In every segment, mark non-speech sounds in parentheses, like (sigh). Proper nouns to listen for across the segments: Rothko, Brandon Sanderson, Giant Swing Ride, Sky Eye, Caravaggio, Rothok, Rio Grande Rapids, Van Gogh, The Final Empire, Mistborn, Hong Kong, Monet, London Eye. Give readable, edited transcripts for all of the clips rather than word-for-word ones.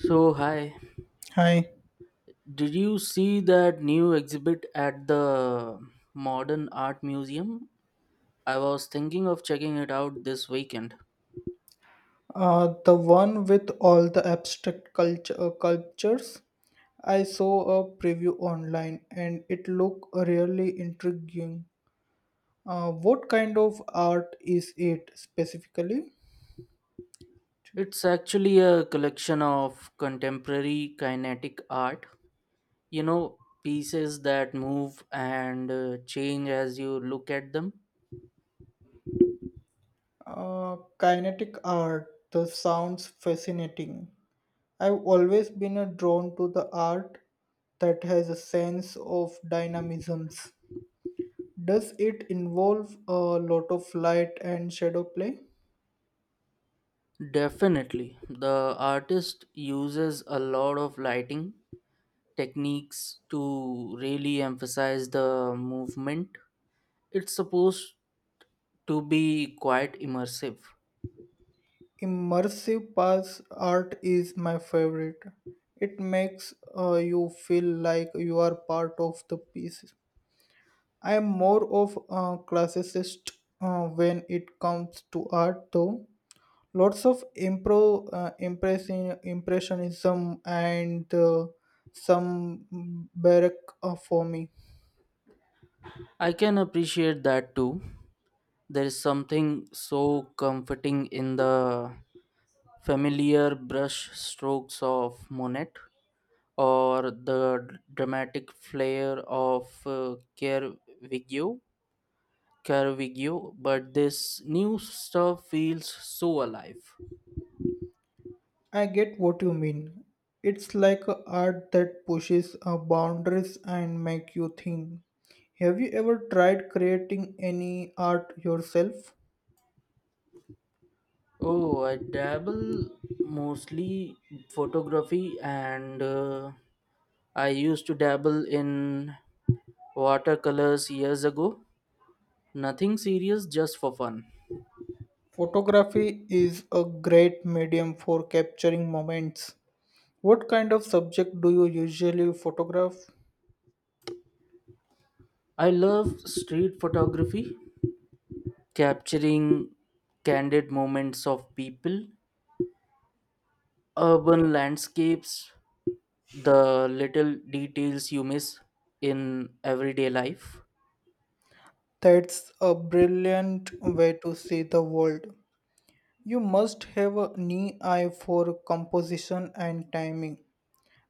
So, hi. Hi. Did you see that new exhibit at the Modern Art Museum? I was thinking of checking it out this weekend. The one with all the abstract culture cultures. I saw a preview online and it looked really intriguing. What kind of art is it specifically? It's actually a collection of contemporary kinetic art, you know, pieces that move and change as you look at them. Kinetic art. That sounds fascinating. I've always been drawn to the art that has a sense of dynamisms. Does it involve a lot of light and shadow play? Definitely. The artist uses a lot of lighting techniques to really emphasize the movement. It's supposed to be quite immersive. Immersive pass art is my favorite. It makes you feel like you are part of the piece. I am more of a classicist when it comes to art, though. Lots of impressionism and some baroque for me. I can appreciate that too. There is something so comforting in the familiar brush strokes of Monet or the dramatic flair of Caravaggio, but this new stuff feels so alive. I get what you mean. It's like a art that pushes boundaries and make you think. Have you ever tried creating any art yourself? Oh, I dabble mostly photography and I used to dabble in watercolors years ago. Nothing serious, just for fun. Photography is a great medium for capturing moments. What kind of subject do you usually photograph? I love street photography, capturing candid moments of people, urban landscapes, the little details you miss in everyday life. That's a brilliant way to see the world. You must have a knee eye for composition and timing.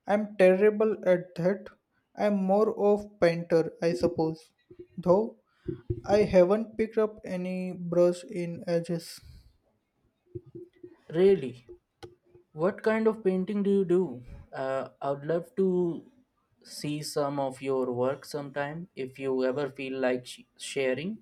I'm terrible at that. I'm more of painter, I suppose. Though I haven't picked up any brush in ages. Really, what kind of painting do you do? I would love to see some of your work sometime if you ever feel like sharing.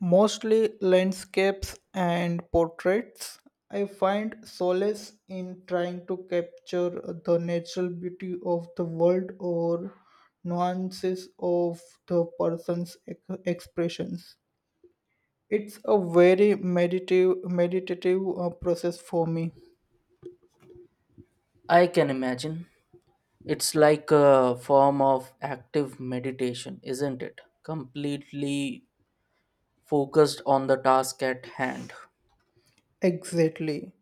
Mostly landscapes and portraits. I find solace in trying to capture the natural beauty of the world or nuances of the expressions. It's a very meditative process for me. I can imagine. It's like a form of active meditation, isn't it? Completely focused on the task at hand. Exactly.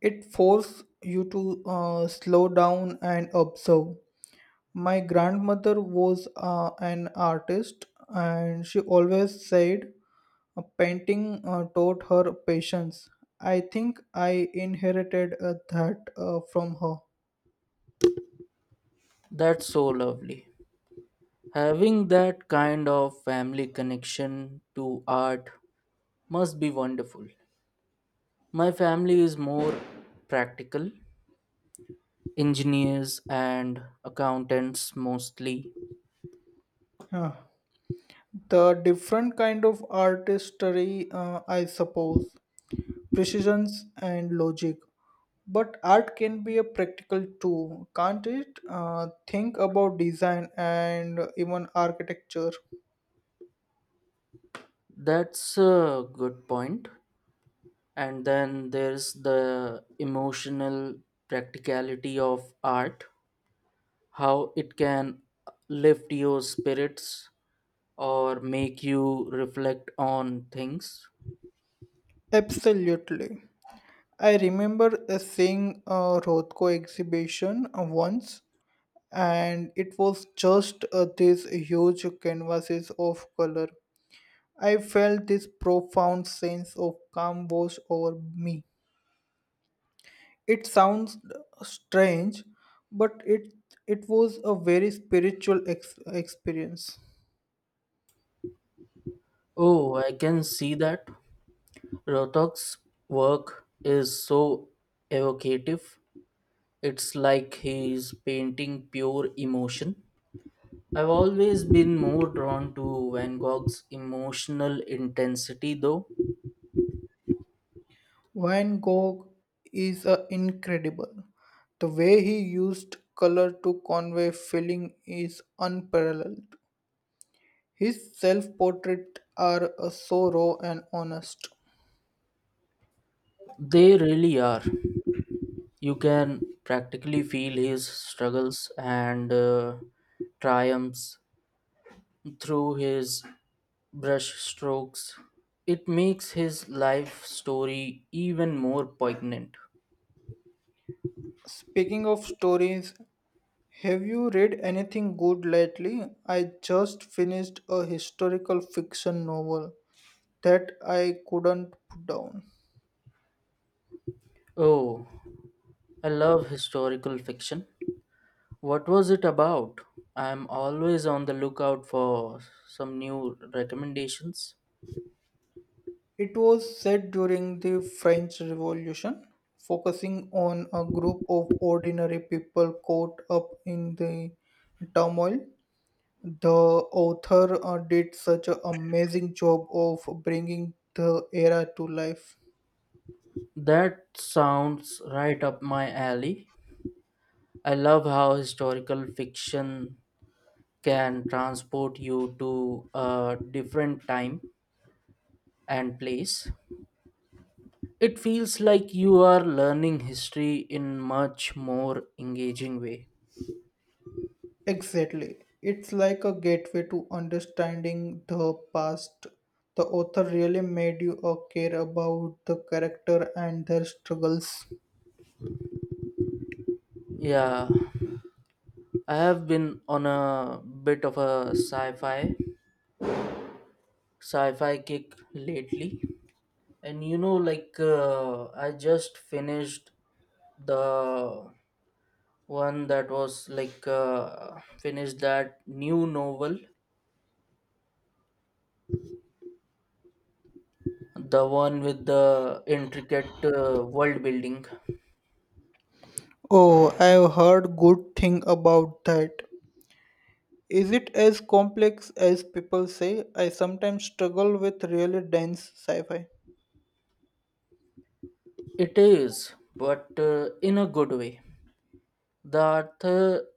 It forces you to slow down and observe. My grandmother was an artist and she always said painting taught her patience. I think I inherited that from her. That's so lovely. Having that kind of family connection to art must be wonderful. My family is more practical, engineers and accountants mostly. Huh. The different kind of artistry, I suppose, precisions and logic. But art can be a practical too, can't it? Think about design and even architecture. That's a good point. And then there's the emotional practicality of art, how it can lift your spirits or make you reflect on things. Absolutely. I remember seeing a Rothko exhibition once, and it was just these huge canvases of color. I felt this profound sense of calm wash over me. It sounds strange, but it was a very spiritual experience. Oh, I can see that. Rothok's work is so evocative. It's like he's painting pure emotion. I've always been more drawn to Van Gogh's emotional intensity, though. Van Gogh is incredible. The way he used color to convey feeling is unparalleled. His self portraits are so raw and honest. They really are. You can practically feel his struggles and triumphs through his brushstrokes. It makes his life story even more poignant. Speaking of stories, have you read anything good lately? I just finished a historical fiction novel that I couldn't put down. Oh, I love historical fiction. What was it about? I'm always on the lookout for some new recommendations. It was set during the French Revolution, focusing on a group of ordinary people caught up in the turmoil. The author did such an amazing job of bringing the era to life. That sounds right up my alley. I love how historical fiction can transport you to a different time and place. It feels like you are learning history in much more engaging way. Exactly. It's like a gateway to understanding the past. The author really made you care about the character and their struggles. Yeah, I have been on a bit of a sci-fi kick lately. And you know like I just the finished that new novel, the one with the intricate world building. Oh, I've heard good thing about that. Is it as complex as people say? I sometimes struggle with really dense sci fi. It is, but in a good way. The author,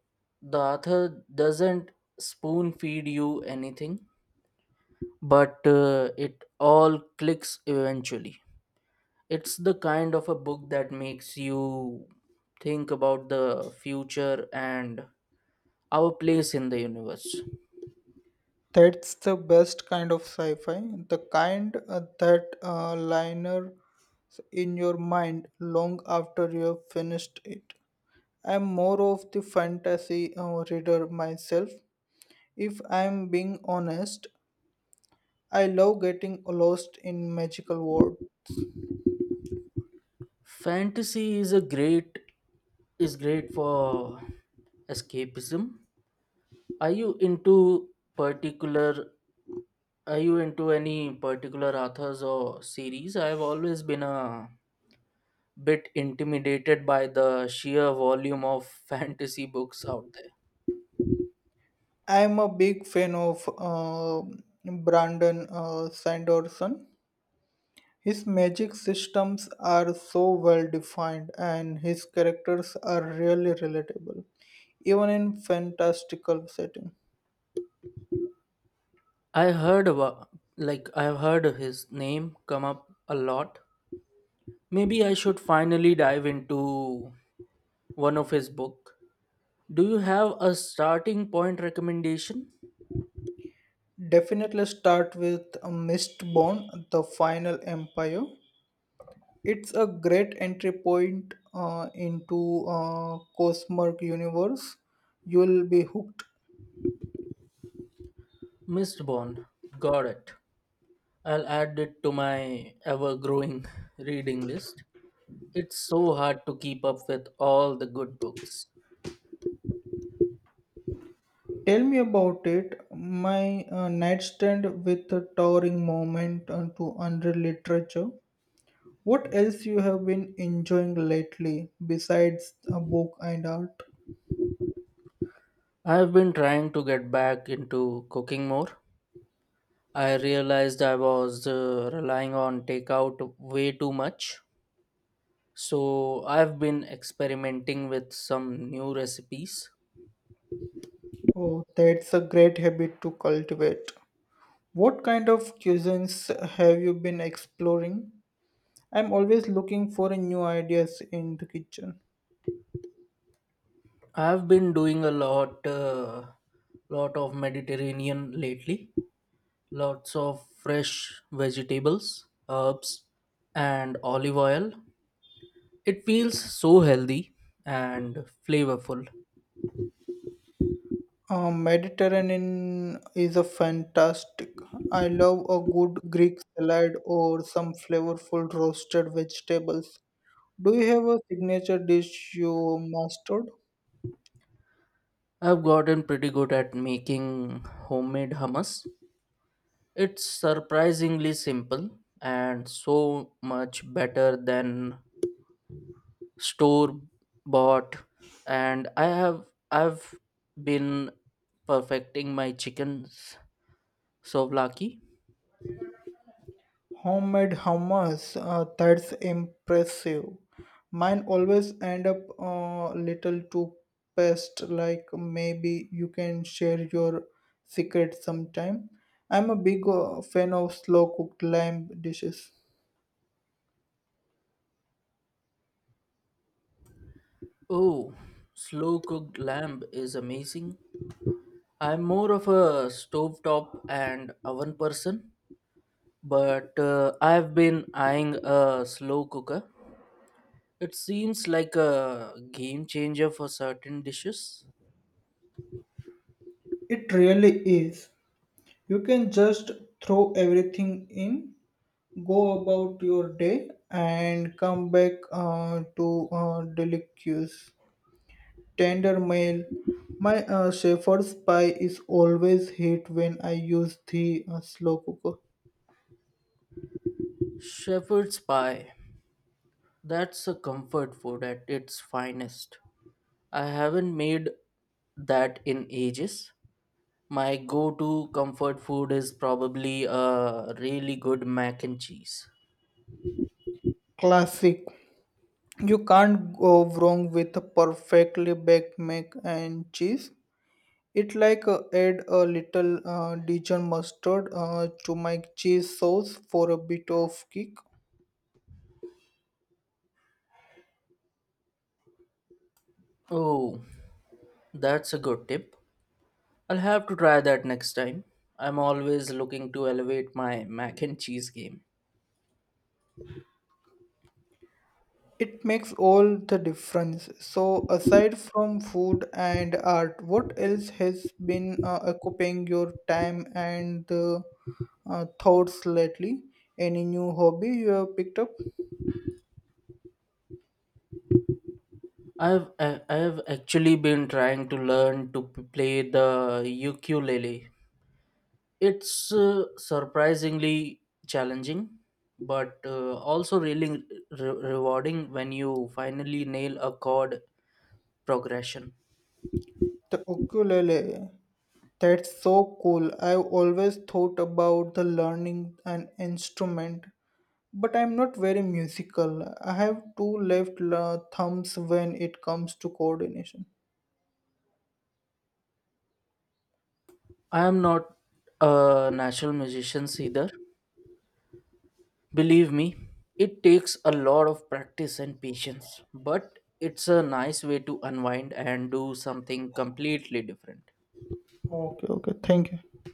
the author doesn't spoon feed you anything, but it all clicks eventually. It's the kind of a book that makes you think about the future and our place in the universe. That's the best kind of sci fi, the kind that liner in your mind long after you've finished it. I'm more of the fantasy reader myself. If I'm being honest, I love getting lost in magical world. Fantasy is great for escapism. Are you into particular? Are you into any particular authors or series? I've always been a bit intimidated by the sheer volume of (laughs) fantasy books out there. I'm a big fan of Brandon Sanderson. His magic systems are so well defined and his characters are really relatable, even in fantastical setting. I heard about, like I've heard his name come up a lot. Maybe I should finally dive into one of his book. Do you have a starting point recommendation? Definitely start with Mistborn, The Final Empire. It's a great entry point into Cosmic Universe. You'll be hooked. Mistborn. Got it. I'll add it to my ever growing (laughs) reading list. It's so hard to keep up with all the good books. Tell me about it. My nightstand with a towering moment to unreal literature. What else you have been enjoying lately besides a book and art? I've been trying to get back into cooking more. I realized I was relying on takeout way too much. So I've been experimenting with some new recipes. Oh, that's a great habit to cultivate. What kind of cuisines have you been exploring? I'm always looking for new ideas in the kitchen. I've been doing a lot of Mediterranean lately. Lots of fresh vegetables, herbs, and olive oil. It feels so healthy and flavorful. Mediterranean is a fantastic. I love a good Greek salad or some flavorful roasted vegetables. Do you have a signature dish you mastered? I've gotten pretty good at making homemade hummus. It's surprisingly simple and so much better than store bought, and I've been perfecting my chicken souvlaki. Homemade hummus, that's impressive. Mine always end up a little too pest, like maybe you can share your secret sometime. I'm a big fan of slow cooked lamb dishes. Oh, slow cooked lamb is amazing. I'm more of a stovetop and oven person, but I've been eyeing a slow cooker. It seems like a game changer for certain dishes. It really is. You can just throw everything in, go about your day, and come back to delicious, tender mail. My shepherd's pie is always hit when I use the slow cooker. Shepherd's pie. That's a comfort food at its finest. I haven't made that in ages. My go to comfort food is probably a really good mac and cheese. Classic. You can't go wrong with a perfectly baked mac and cheese. It like add a little Dijon mustard to my cheese sauce for a bit of kick. Oh, that's a good tip. I'll have to try that next time. I'm always looking to elevate my mac and cheese game. It makes all the difference. So, aside from food and art, what else has been occupying your time and thoughts lately? Any new hobby you have picked up? I've actually been trying to learn to play the ukulele. It's surprisingly challenging, but also really rewarding when you finally nail a chord progression. The ukulele. That's so cool. I've always thought about the learning an instrument, but I'm not very musical. I have two left thumbs when it comes to coordination. I am not a natural musician either. Believe me, it takes a lot of practice and patience, but it's a nice way to unwind and do something completely different. Okay, okay. Thank you.